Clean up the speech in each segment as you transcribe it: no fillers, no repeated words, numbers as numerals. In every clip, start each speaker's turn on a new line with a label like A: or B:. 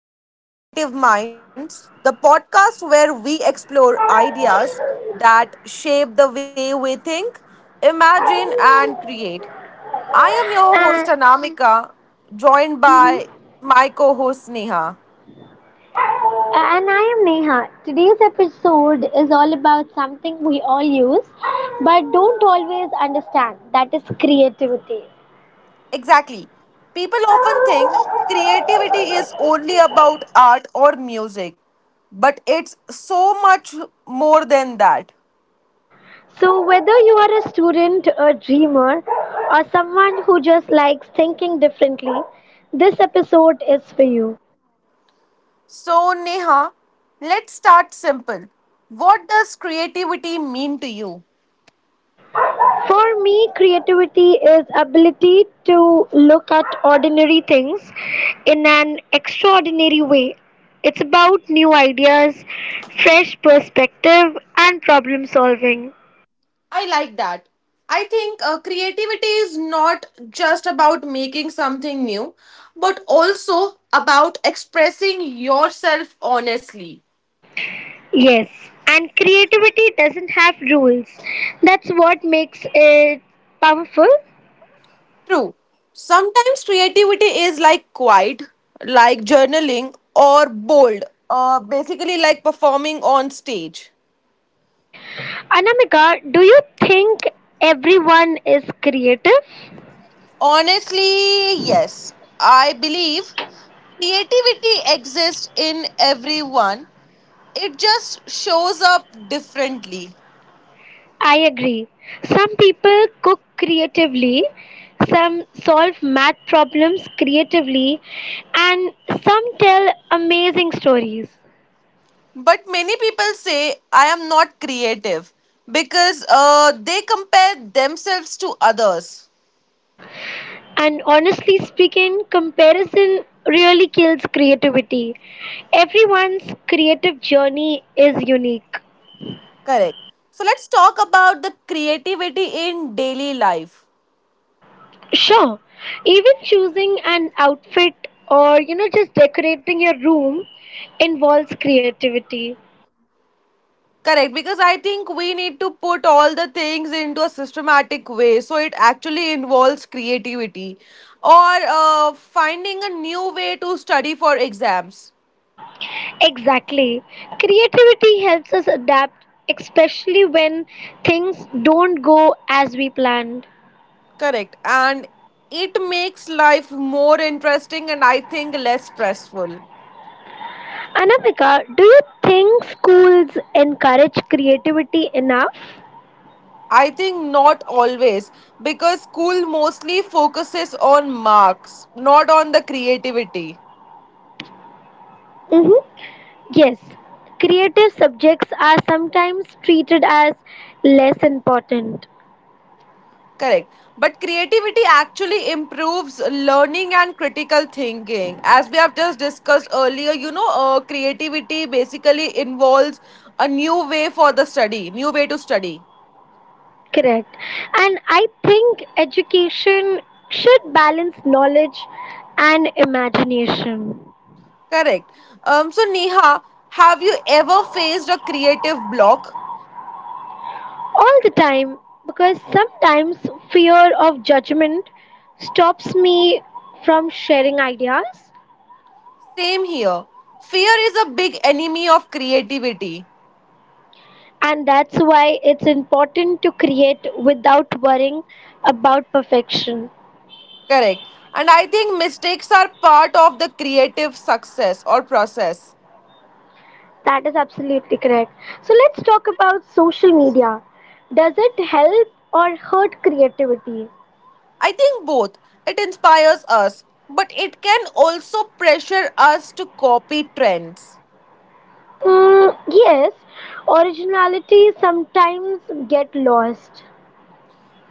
A: Welcome back to Creative Minds, the podcast where we explore ideas that shape the way we think, imagine, and create. I am your host,
B: And,
A: Anamika, joined
B: mhm.
A: by my co host, Neha.
B: And I am Neha. Today's episode is all about something we all use but don't always understand that is creativity.
A: Exactly. People often think creativity is only about art or music, but it's so much more than that.
B: So, whether you are a student, a dreamer, or someone who just likes thinking differently, this episode is for you.
A: So, Neha, let's start simple. What does creativity mean to you?
B: For me, creativity is ability to look at ordinary things in an extraordinary way. It's about new ideas, fresh perspective, and problem solving.
A: I like that. I think creativity is not just about making something new, but also about expressing yourself honestly.
B: Yes, and creativity doesn't have rules. That's what makes it powerful.
A: True. Sometimes creativity is like quiet, like journaling, or bold, basically, like performing on stage.
B: Anamika, do you think everyone is creative?
A: Honestly, yes. I believe creativity exists in everyone. It just shows up differently.
B: I agree. Some people cook creatively, some solve math problems creatively, and some tell amazing stories.
A: But many people say, I am not creative because they compare themselves to others.
B: And honestly speaking, comparison really kills creativity. Everyone's creative journey is unique.
A: Correct. So let's talk about the creativity in daily life.
B: Sure, even choosing an outfit or just decorating your room involves creativity.
A: Correct, because I think we need to put all the things into a systematic way. So it actually involves creativity or finding a new way to study for exams.
B: Exactly. Creativity helps us adapt, especially when things don't go as we planned.
A: Correct. And it makes life more interesting and I think less stressful.
B: Anamika, do you think schools encourage creativity enough?
A: I think not always because school mostly focuses on marks, not on the creativity.
B: Mhm. Yes, creative subjects are sometimes treated as less important.
A: Correct. But creativity actually improves learning and critical thinking. As we have just discussed earlier, you know, creativity basically involves a new way for the study, new way to study.
B: Correct. And I think education should balance knowledge and imagination.
A: Correct. So, Neha, have you ever faced a creative block?
B: All the time because sometimes fear of judgment stops me from sharing ideas,
A: Same here. Fear is a big enemy of creativity.
B: and that's why it's important to create without worrying about perfection.
A: Correct. And I think mistakes are part of the creative success or process.
B: That is absolutely correct. So let's talk about social media. Does it help or hurt creativity?
A: I think both. It inspires us, but it can also pressure us to copy trends.
B: Mm, yes, originality sometimes get lost.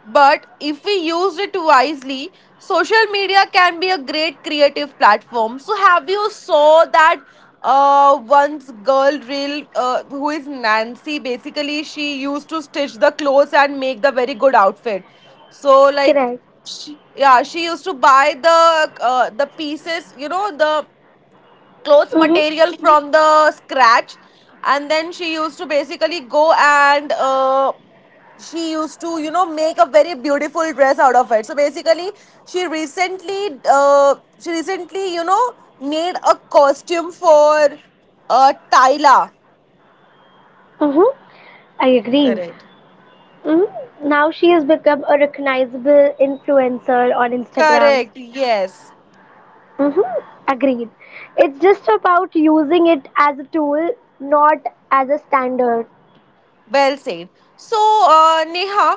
A: But if we use it wisely, social media can be a great creative platform. So, have you saw that once girl real who is Nancy? Basically, she used to stitch the clothes and make the very good outfit. So, like,
B: Correct.
A: she, yeah, she used to buy the the pieces, you know, the clothes
B: Mm-hmm,
A: material from the scratch and then she used to basically go and she used to you know make a very beautiful dress out of it so basically she recently you know made a costume for tyla.
B: mm-hmm. I agree.
A: Correct.
B: Hmm. Now she has become a recognizable influencer on Instagram.
A: Correct, yes.
B: Hmm. Agreed. It's just about using it as a tool, not as a standard.
A: Well said. So neha,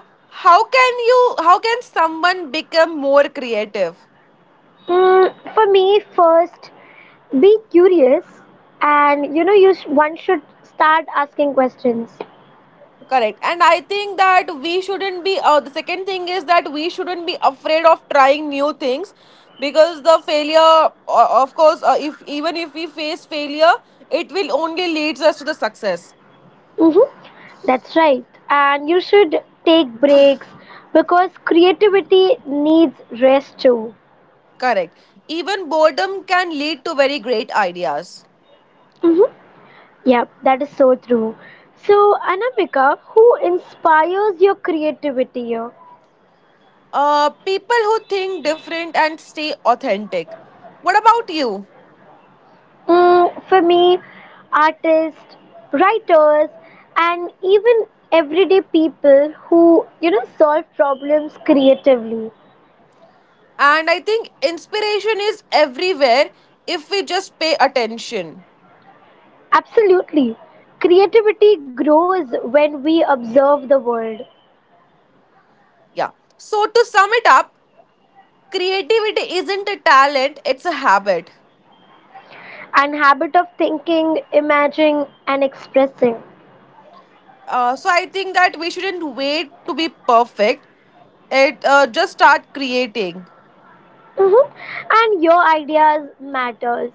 A: how can you how can someone become more creative?
B: For me, first, be curious, and one should start asking questions.
A: Correct. And I think that we shouldn't be, the second thing is that we shouldn't be afraid of trying new things because of course, if even if we face failure, it will only leads us to the success.
B: Hmm. That's right, and you should take breaks because creativity needs rest too.
A: Correct. Even boredom can lead to very great ideas.
B: Mhm. Yep, that is so true. So, Anamika, who inspires your creativity here?
A: People who think different and stay authentic. What about you?
B: For me, artists, writers, and even everyday people who, you know, solve problems creatively.
A: And I think inspiration is everywhere if we just pay attention.
B: Absolutely. Creativity grows when we observe the world
A: Yeah. So, to sum it up, creativity isn't a talent, it's a habit.
B: and habit of thinking, imagining, and expressing.
A: So I think that we shouldn't wait to be perfect, it just start creating.
B: Hmm. And your ideas matters.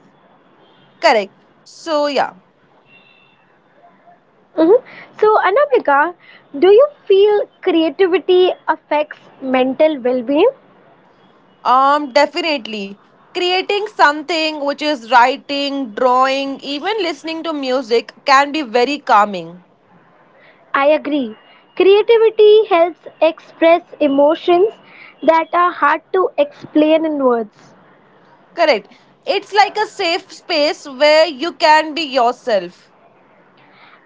A: Correct, so yeah.
B: Hmm. So, Anamika, do you feel creativity affects mental well being?
A: Um, definitely creating something which is writing, drawing, even listening to music can be very calming.
B: I agree. Creativity helps express emotions that are hard to explain in words,
A: Correct, it's like a safe space where you can be yourself.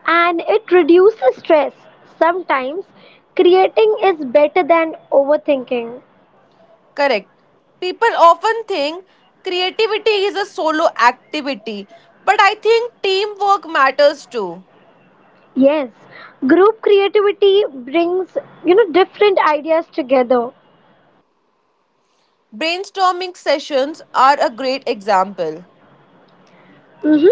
B: and it reduces stress. Sometimes creating is better than overthinking.
A: Correct. People often think creativity is a solo activity, but I think teamwork matters too.
B: Yes, group creativity brings different ideas together.
A: Brainstorming sessions are a great example.
B: Mhm.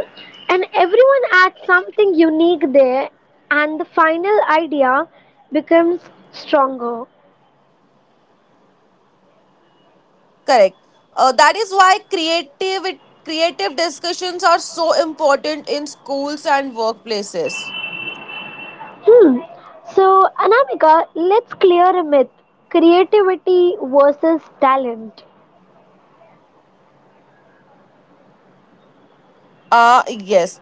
B: And everyone adds something unique there, and the final idea becomes stronger.
A: Correct. That is why creative discussions are so important in schools and workplaces.
B: Hmm. So, Anamika, let's clear a myth, creativity versus talent.
A: Ah, yes.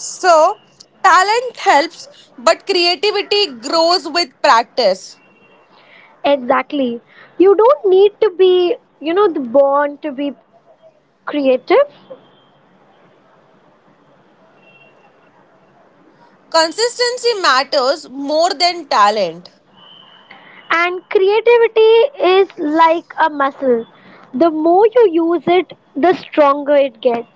A: So, talent helps, but creativity grows with practice.
B: Exactly. You don't need to be the born to be creative.
A: Consistency matters more than talent.
B: And creativity is like a muscle. The more you use it, the stronger it gets.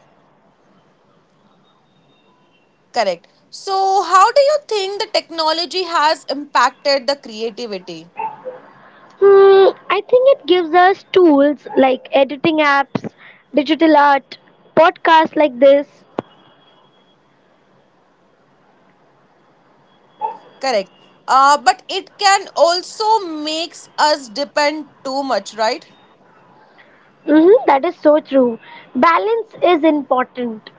A: Correct. So, how do you think the technology has impacted the creativity?
B: Hmm, I think it gives us tools like editing apps, digital art, podcasts like this.
A: Correct. But it can also makes us depend too much, right?
B: Mm-hmm, that is so true. Balance is important.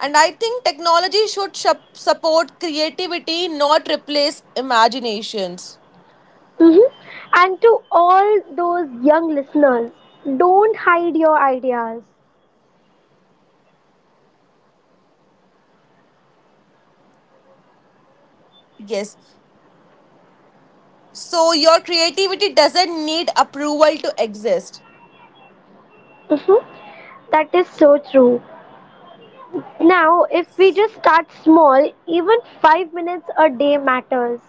A: And I think technology should support creativity, not replace imaginations.
B: Mm-hmm. And to all those young listeners, don't hide your ideas.
A: Yes. So your creativity doesn't need approval to exist.
B: Mm-hmm, that is so true. Now, if we just start small, even 5 minutes a day matters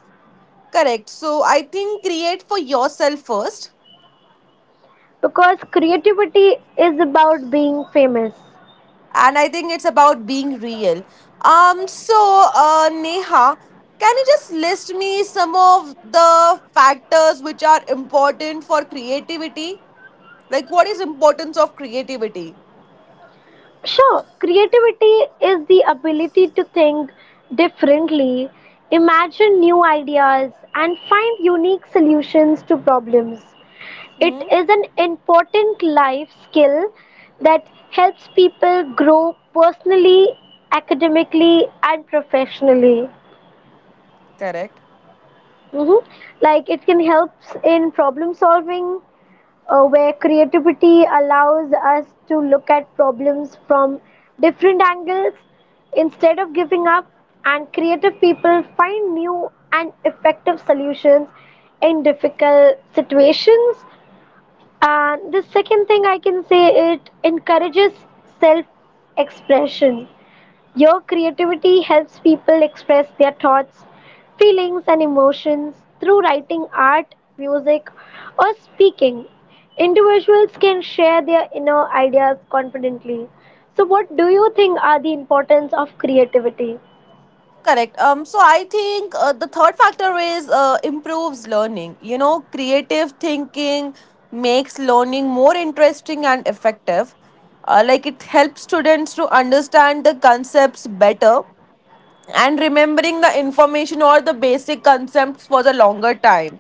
A: Correct. So I think create for yourself first.
B: because creativity is about being famous.
A: And I think it's about being real. So, Neha, can you just list me some of the factors which are important for creativity? Like, what is importance of creativity?
B: Sure, creativity is the ability to think differently, imagine new ideas, and find unique solutions to problems. It
A: Hmm.
B: is an important life skill that helps people grow personally, academically, and professionally.
A: Correct.
B: Mhm. Like it can help in problem solving, where creativity allows us to look at problems from different angles instead of giving up, and creative people find new and effective solutions in difficult situations. And the second thing I can say, it encourages self expression. Your creativity helps people express their thoughts, feelings, and emotions through writing art, music, or speaking. Individuals can share their inner ideas confidently. So, what do you think are the importance of creativity?
A: Correct. So I think the third factor is improves learning. You know, creative thinking makes learning more interesting and effective. Like it helps students to understand the concepts better and remembering the information or the basic concepts for the longer time,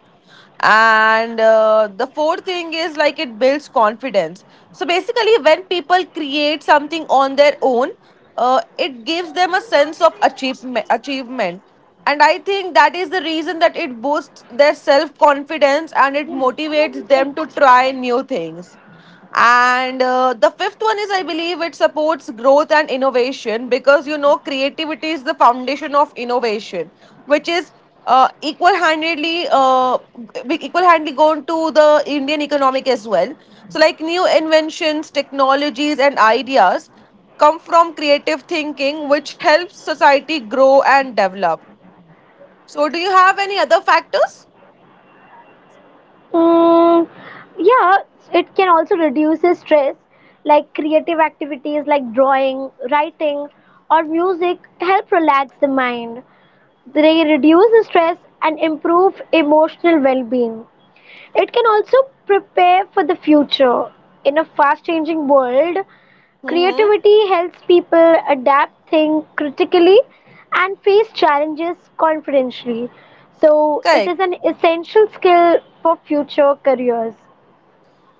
A: and the fourth thing is like it builds confidence. So basically when people create something on their own, it gives them a sense of achievement, and I think that is the reason that it boosts their self confidence and it motivates them to try new things. And the fifth one is, I believe, it supports growth and innovation, because you know creativity is the foundation of innovation, which is equal-handedly we equal-handedly gone to the Indian economic as well. So, like new inventions, technologies, and ideas come from creative thinking, which helps society grow and develop. So, do you have any other factors?
B: Mm, yeah, it can also reduce the stress. Like creative activities like drawing, writing, or music help relax the mind. They reduce stress and improve emotional well being. It can also prepare for the future. In a fast changing world,
A: Mm-hmm.
B: creativity helps people adapt, think critically, and face challenges confidently. So, it
A: Correct.
B: is an essential skill for future careers.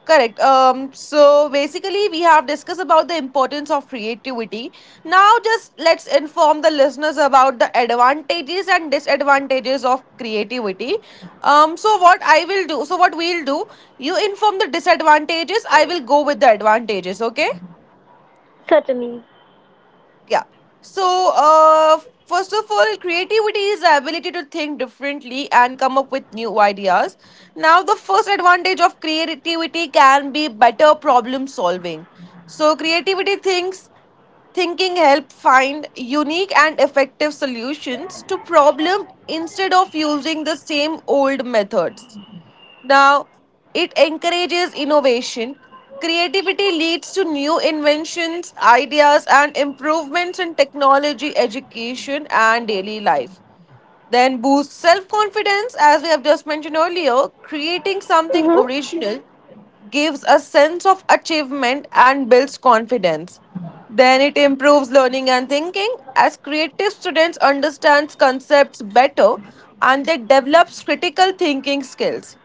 A: Correct. So basically, we have discussed about the importance of creativity. Now, just let's inform the listeners about the advantages and disadvantages of creativity. So what I will do, so what we'll do, you inform the disadvantages, I will go with the advantages, okay?
B: Certainly.
A: Yeah. So uh first of all, creativity is the ability to think differently and come up with new ideas. Now the first advantage of creativity can be better problem solving. So creativity thinks thinking help find unique and effective solutions to problem instead of using the same old methods. Now, it encourages innovation. Creativity leads to new inventions, ideas, and improvements in technology, education, and daily life. Then boosts self confidence, as we have just mentioned earlier. Creating something
B: Hmm.
A: original gives a sense of achievement and builds confidence. Then it improves learning and thinking, as creative students understands concepts better and they develops critical thinking skills.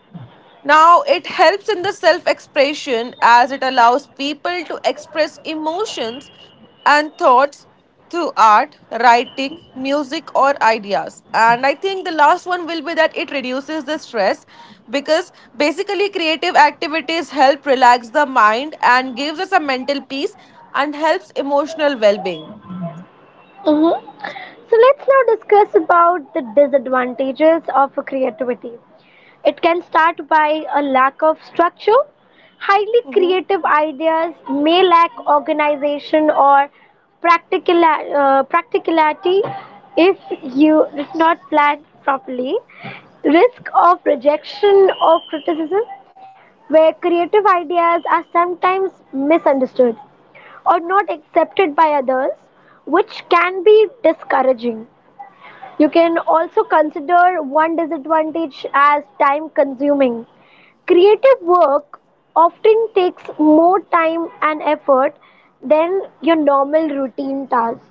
A: Now, it helps in the self expression as it allows people to express emotions and thoughts through art, writing, music, or ideas. And I think the last one will be that it reduces the stress, because basically, creative activities help relax the mind and gives us a mental peace and helps emotional well being.
B: Hmm. So, let's now discuss about the disadvantages of creativity. It can start by a lack of structure. Highly creative ideas may lack organization or practicality if if not planned properly. Risk of rejection or criticism, where creative ideas are sometimes misunderstood or not accepted by others, which can be discouraging. You can also consider one disadvantage as time consuming. Creative work often takes more time and effort than your normal routine tasks.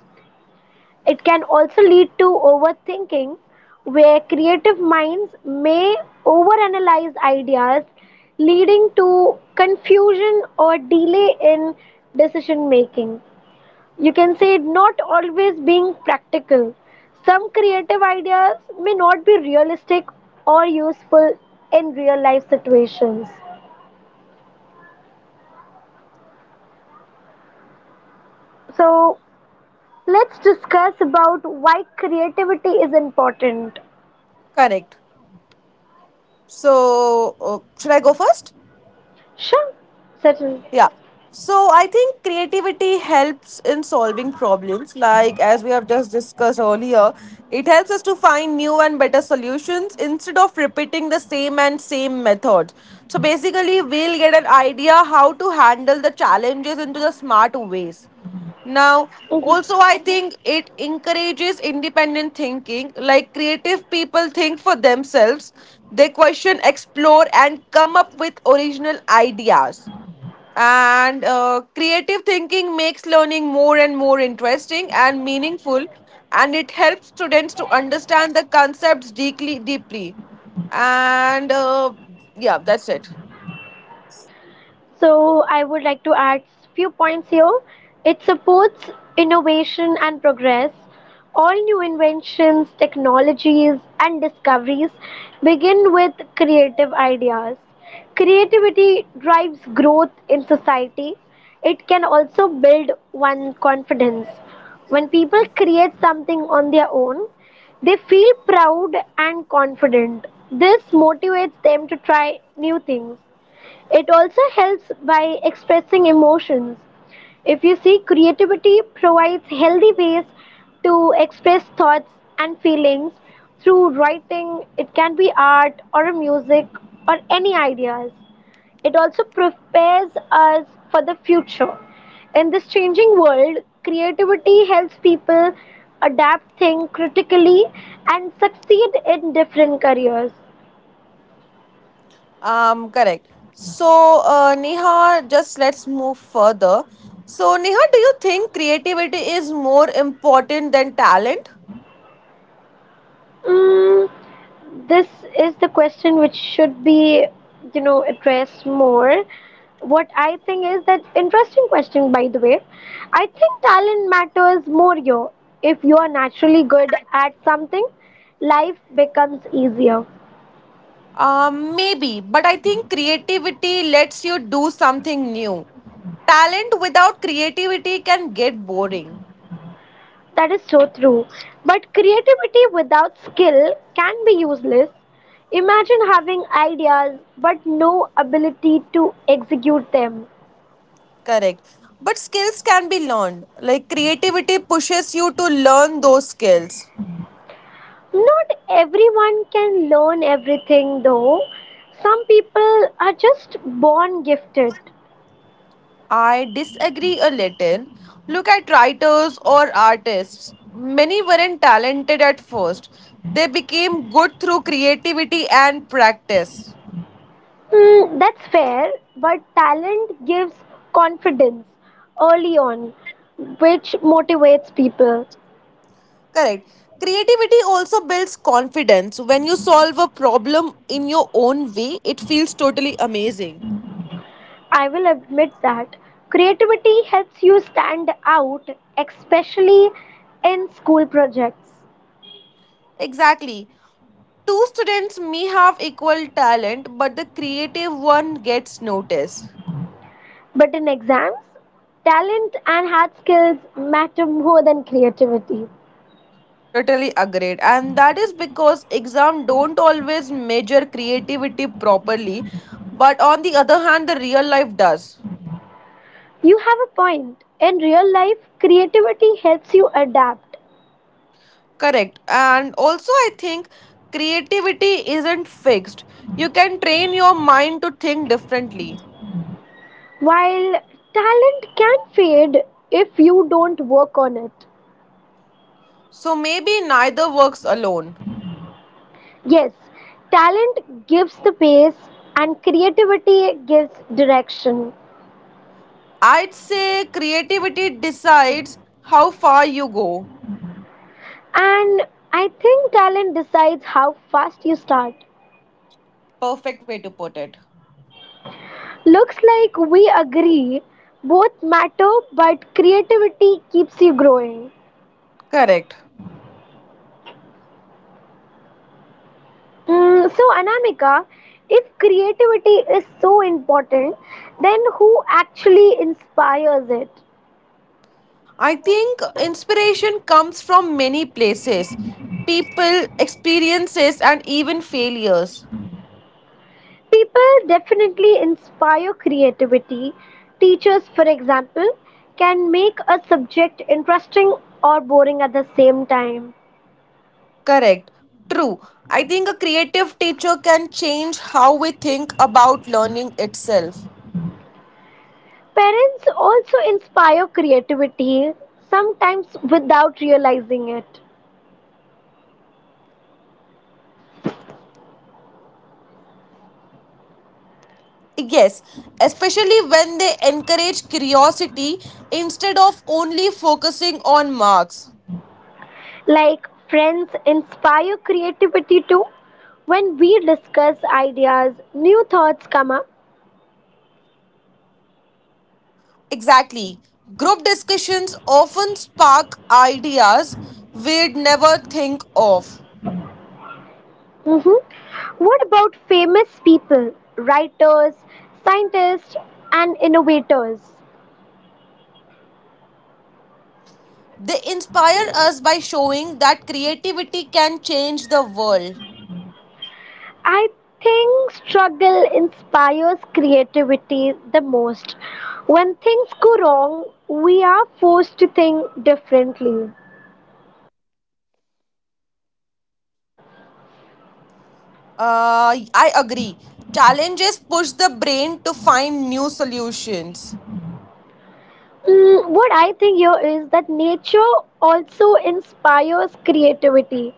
B: It can also lead to overthinking, where creative minds may overanalyze ideas, leading to confusion or delay in decision making. You can say not always being practical. Some creative ideas may not be realistic or useful in real life situations. So, let's discuss about why creativity is important.
A: Correct. So, should I go first?
B: Sure, settle.
A: Yeah. So I think creativity helps in solving problems. Like as we have just discussed earlier, it helps us to find new and better solutions instead of repeating the same and same method. So basically, we'll get an idea how to handle the challenges into the smart ways. Now, also, I think it encourages independent thinking. Like creative people think for themselves, they question, explore, and come up with original ideas. And creative thinking makes learning more and more interesting and meaningful, and it helps students to understand the concepts deeply, deeply. And yeah, that's it.
B: So I would like to add few points here. It supports innovation and progress. All new inventions, technologies, and discoveries begin with creative ideas. Creativity drives growth in society. It can also build one confidence. When people create something on their own, they feel proud and confident. This motivates them to try new things. It also helps by expressing emotions. If you see, creativity provides healthy ways to express thoughts and feelings through writing. It can be art or a music or any ideas. It also prepares us for the future. In this changing world, creativity helps people adapt, think critically, and succeed in different careers.
A: Correct. So, Neha, just let's move further. So, Neha, do you think creativity is more important than talent?
B: Mm, this is the question which should be addressed more. What I think is that, interesting question by the way, I think talent matters more, yo. If you are naturally good at something, life becomes easier.
A: Maybe, but I think creativity lets you do something new. Talent without creativity can get boring.
B: That is so true, but creativity without skill can be useless. Imagine having ideas but no ability to execute them.
A: Correct. But skills can be learned. Like creativity pushes you to learn those skills.
B: Not everyone can learn everything though. Some people are just born gifted.
A: I disagree a little. Look at writers or artists. Many weren't talented at first, they became good through creativity and practice.
B: Hmm, that's fair, but talent gives confidence early on, which motivates people.
A: Correct. Creativity also builds confidence. When you solve a problem in your own way, it feels totally amazing.
B: I will admit that. Creativity helps you stand out, especially in school projects.
A: Exactly. Two students may have equal talent, but the creative one gets noticed.
B: But in exams, talent and hard skills matter more than creativity.
A: Totally agreed. And that is because exam don't always measure creativity properly, but on the other hand, the real life does.
B: You have a point. In real life, creativity helps you adapt,
A: Correct. And also, I think creativity isn't fixed. You can train your mind to think differently.
B: while talent can fade if you don't work on it.
A: So maybe neither works alone.
B: Yes, talent gives the pace, and creativity gives direction.
A: I'd say creativity decides how far you go.
B: And I think talent decides how fast you start.
A: Perfect way to put it.
B: Looks like we agree, both matter, but creativity keeps you growing.
A: Correct.
B: So, Anamika, if creativity is so important, then who actually inspires it?
A: I think inspiration comes from many places, people, experiences, and even failures.
B: People definitely inspire creativity. Teachers, for example, can make a subject interesting or boring at the same time.
A: Correct. True. I think a creative teacher can change how we think about learning itself.
B: Parents also inspire creativity, sometimes without realizing it.
A: Yes, especially when they encourage curiosity instead of only focusing on marks.
B: Like friends inspire creativity too. When we discuss ideas, new thoughts come up.
A: Exactly. Group discussions often spark ideas we'd never think of.
B: Mhm. What about famous people, writers, scientists, and innovators?
A: They inspire us by showing that creativity can change the world.
B: I think struggle inspires creativity the most. When things go wrong, we are forced to think differently.
A: I agree. Challenges push the brain to find new solutions.
B: What I think here is that nature also inspires creativity,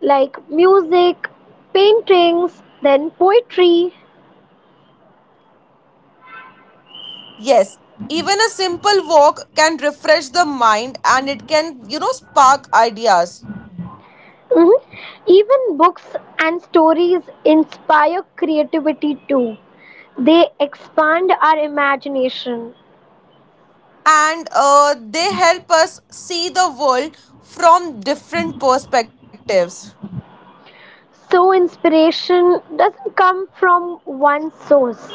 B: like music, paintings, then poetry.
A: Yes, even a simple walk can refresh the mind and it can, you know, spark ideas.
B: Mhm. Even books and stories inspire creativity too. They expand our imagination.
A: And they help us see the world from different perspectives.
B: So, inspiration doesn't come from one source.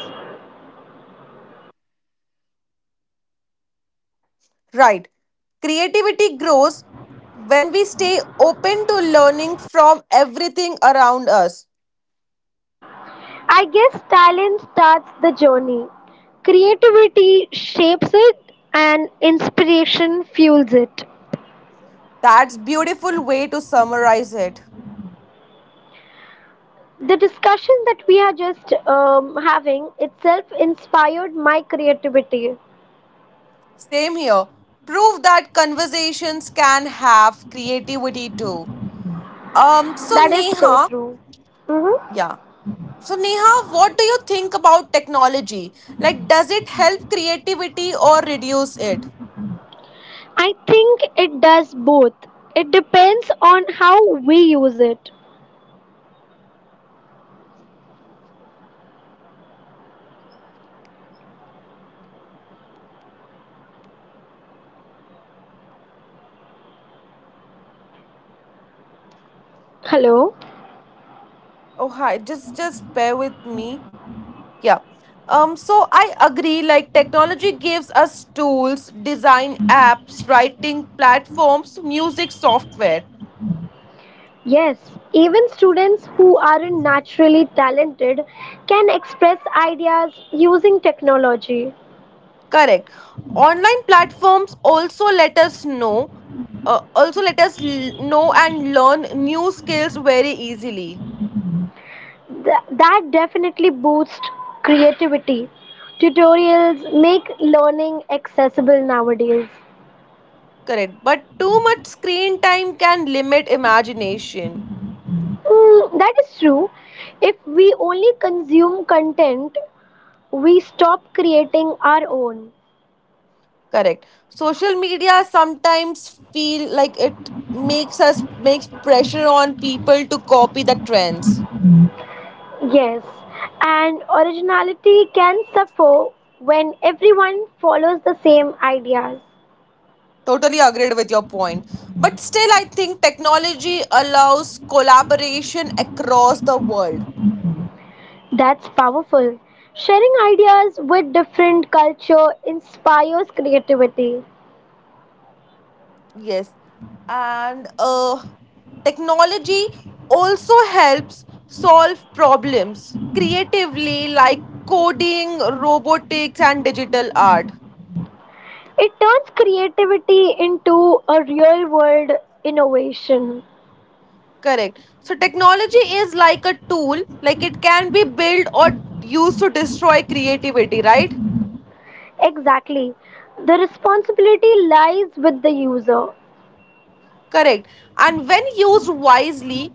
A: Right. Creativity grows when we stay open to learning from everything around us.
B: I guess talent starts the journey. Creativity shapes it and inspiration fuels it.
A: That's beautiful way to summarize it.
B: The discussion that we are just having itself inspired my creativity.
A: Same here. Prove that conversations can have creativity too. So
B: That is so
A: Neha,
B: true. Mhm.
A: yeah. So Neha, what do you think about technology? Like does it help creativity or reduce it?
B: I think it does both. It depends on how we use it. Hello?
A: Oh hi, just bear with me. Yeah. So I agree, like technology gives us tools, design apps, writing platforms, music software.
B: Yes, even students who aren't naturally talented can express ideas using technology.
A: Correct. Online platforms also let us know, also know and learn new skills very easily.
B: That definitely boosts creativity. Tutorials make learning accessible nowadays.
A: Correct. But too much screen time can limit imagination.
B: That is true. If we only consume content, we stop creating our own.
A: Correct. Social media sometimes feel like it makes us makes pressure on people to copy the trends.
B: Yes, and originality can suffer when everyone follows the same ideas.
A: Totally agreed with your point. But still, I think technology allows collaboration across the world.
B: That's powerful. Sharing ideas with different culture inspires creativity.
A: Yes. And technology also helps solve problems creatively, like coding, robotics, and digital art.
B: It turns creativity into a real world innovation.
A: Correct. So, technology is like a tool, like it can be built or used to destroy creativity, right?
B: Exactly. The responsibility lies with the user,
A: Correct. And when used wisely,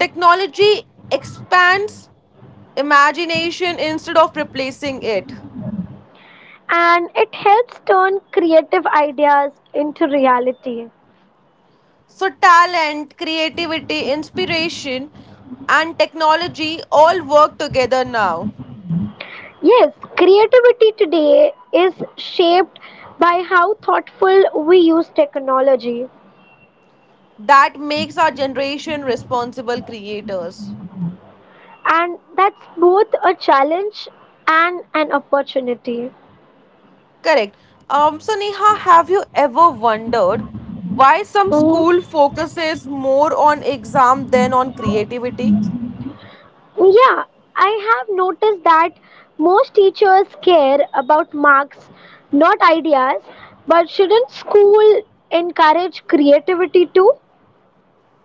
A: technology expands imagination instead of replacing it.
B: and it helps turn creative ideas into reality.
A: So, talent, creativity, inspiration, and technology all work together now.
B: Yes, creativity today is shaped by how thoughtful we use technology,
A: That makes our generation responsible creators.
B: and that's both a challenge and an opportunity.
A: Correct. So, Neha, have you ever wondered why some school
B: Mhm.
A: focuses more on exam than on creativity?
B: Yeah, I have noticed that most teachers care about marks, not ideas, but shouldn't school encourage creativity too?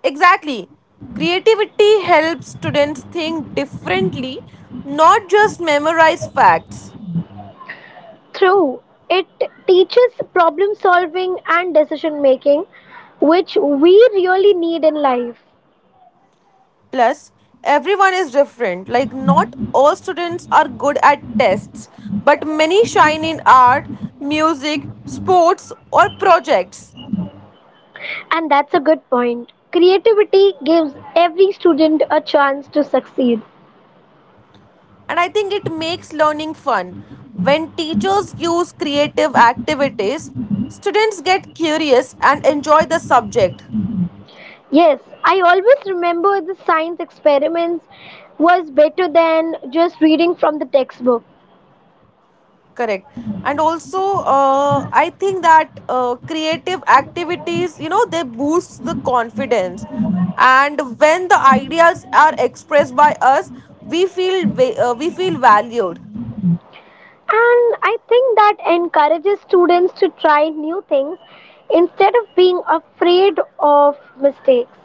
A: Exactly. Creativity helps students think differently, not just memorize facts.
B: True, it teaches problem solving and decision making, which we really need in life.
A: Plus, everyone is different. Like, not all students are good at tests, but many shine in art, music, sports, or projects.
B: And that's a good point. Creativity gives every student a chance to succeed.
A: And I think it makes learning fun. When teachers use creative activities, students get curious and enjoy the subject.
B: Yes, I always remember the science experiments was better than just reading from the textbook.
A: Correct. And also, I think that creative activities, you know, they boost the confidence. And when the ideas are expressed by us, we feel valued.
B: And I think that encourages students to try new things instead of being afraid of mistakes.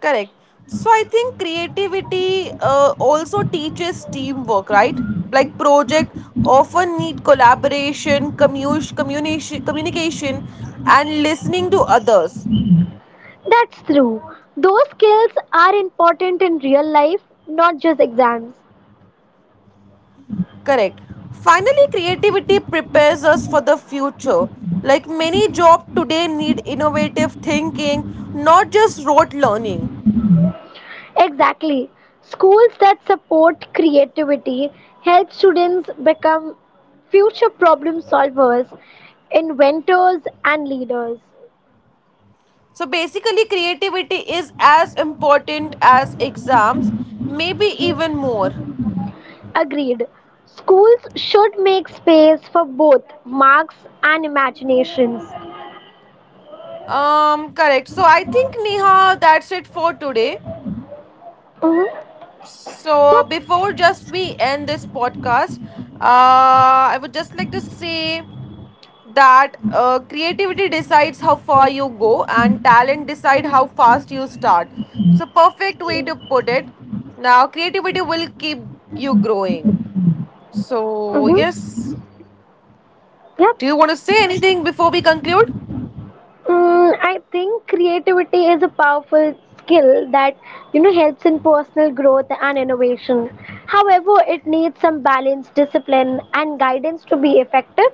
A: Correct. So I think creativity also teaches teamwork, right? Like project often need collaboration, communication, and listening to others.
B: That's true. Those skills are important in real life, not just exams.
A: Correct. Finally, creativity prepares us for the future. Like many jobs today need innovative thinking, not just rote learning.
B: Exactly. Schools that support creativity help students become future problem solvers, inventors, and leaders.
A: So basically, creativity is as important as exams, maybe even more.
B: Agreed. Schools should make space for both marks and imaginations.
A: Correct. So I think Neha, that's it for today.
B: Mm-hmm.
A: So
B: Yep.
A: before just we end this podcast, I would just like to say that creativity decides how far you go and talent decide how fast you start. So perfect way to put it. Now creativity will keep you growing. So
B: Mm-hmm.
A: yes,
B: Yep.
A: do you want to say anything before we conclude?
B: I think creativity is a powerful skill that helps in personal growth and innovation. However, it needs some balance, discipline, and guidance to be effective.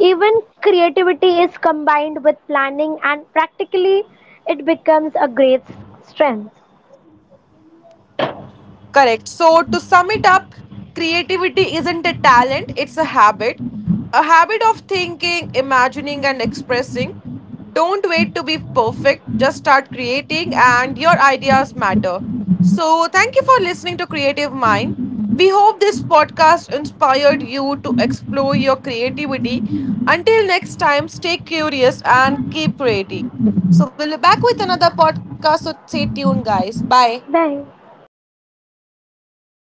B: Even creativity is combined with planning, and practically, it becomes a great strength.
A: Correct. So, to sum it up, creativity isn't a talent, it's a habit. A habit of thinking, imagining, and expressing. Don't wait to be perfect, just start creating, and your ideas matter. So, thank you for listening to Creative Mind. We hope this podcast inspired you to explore your creativity. Until next time, stay curious and keep creating. So, we will be back with another podcast, so stay tuned, guys. Bye.
B: Bye.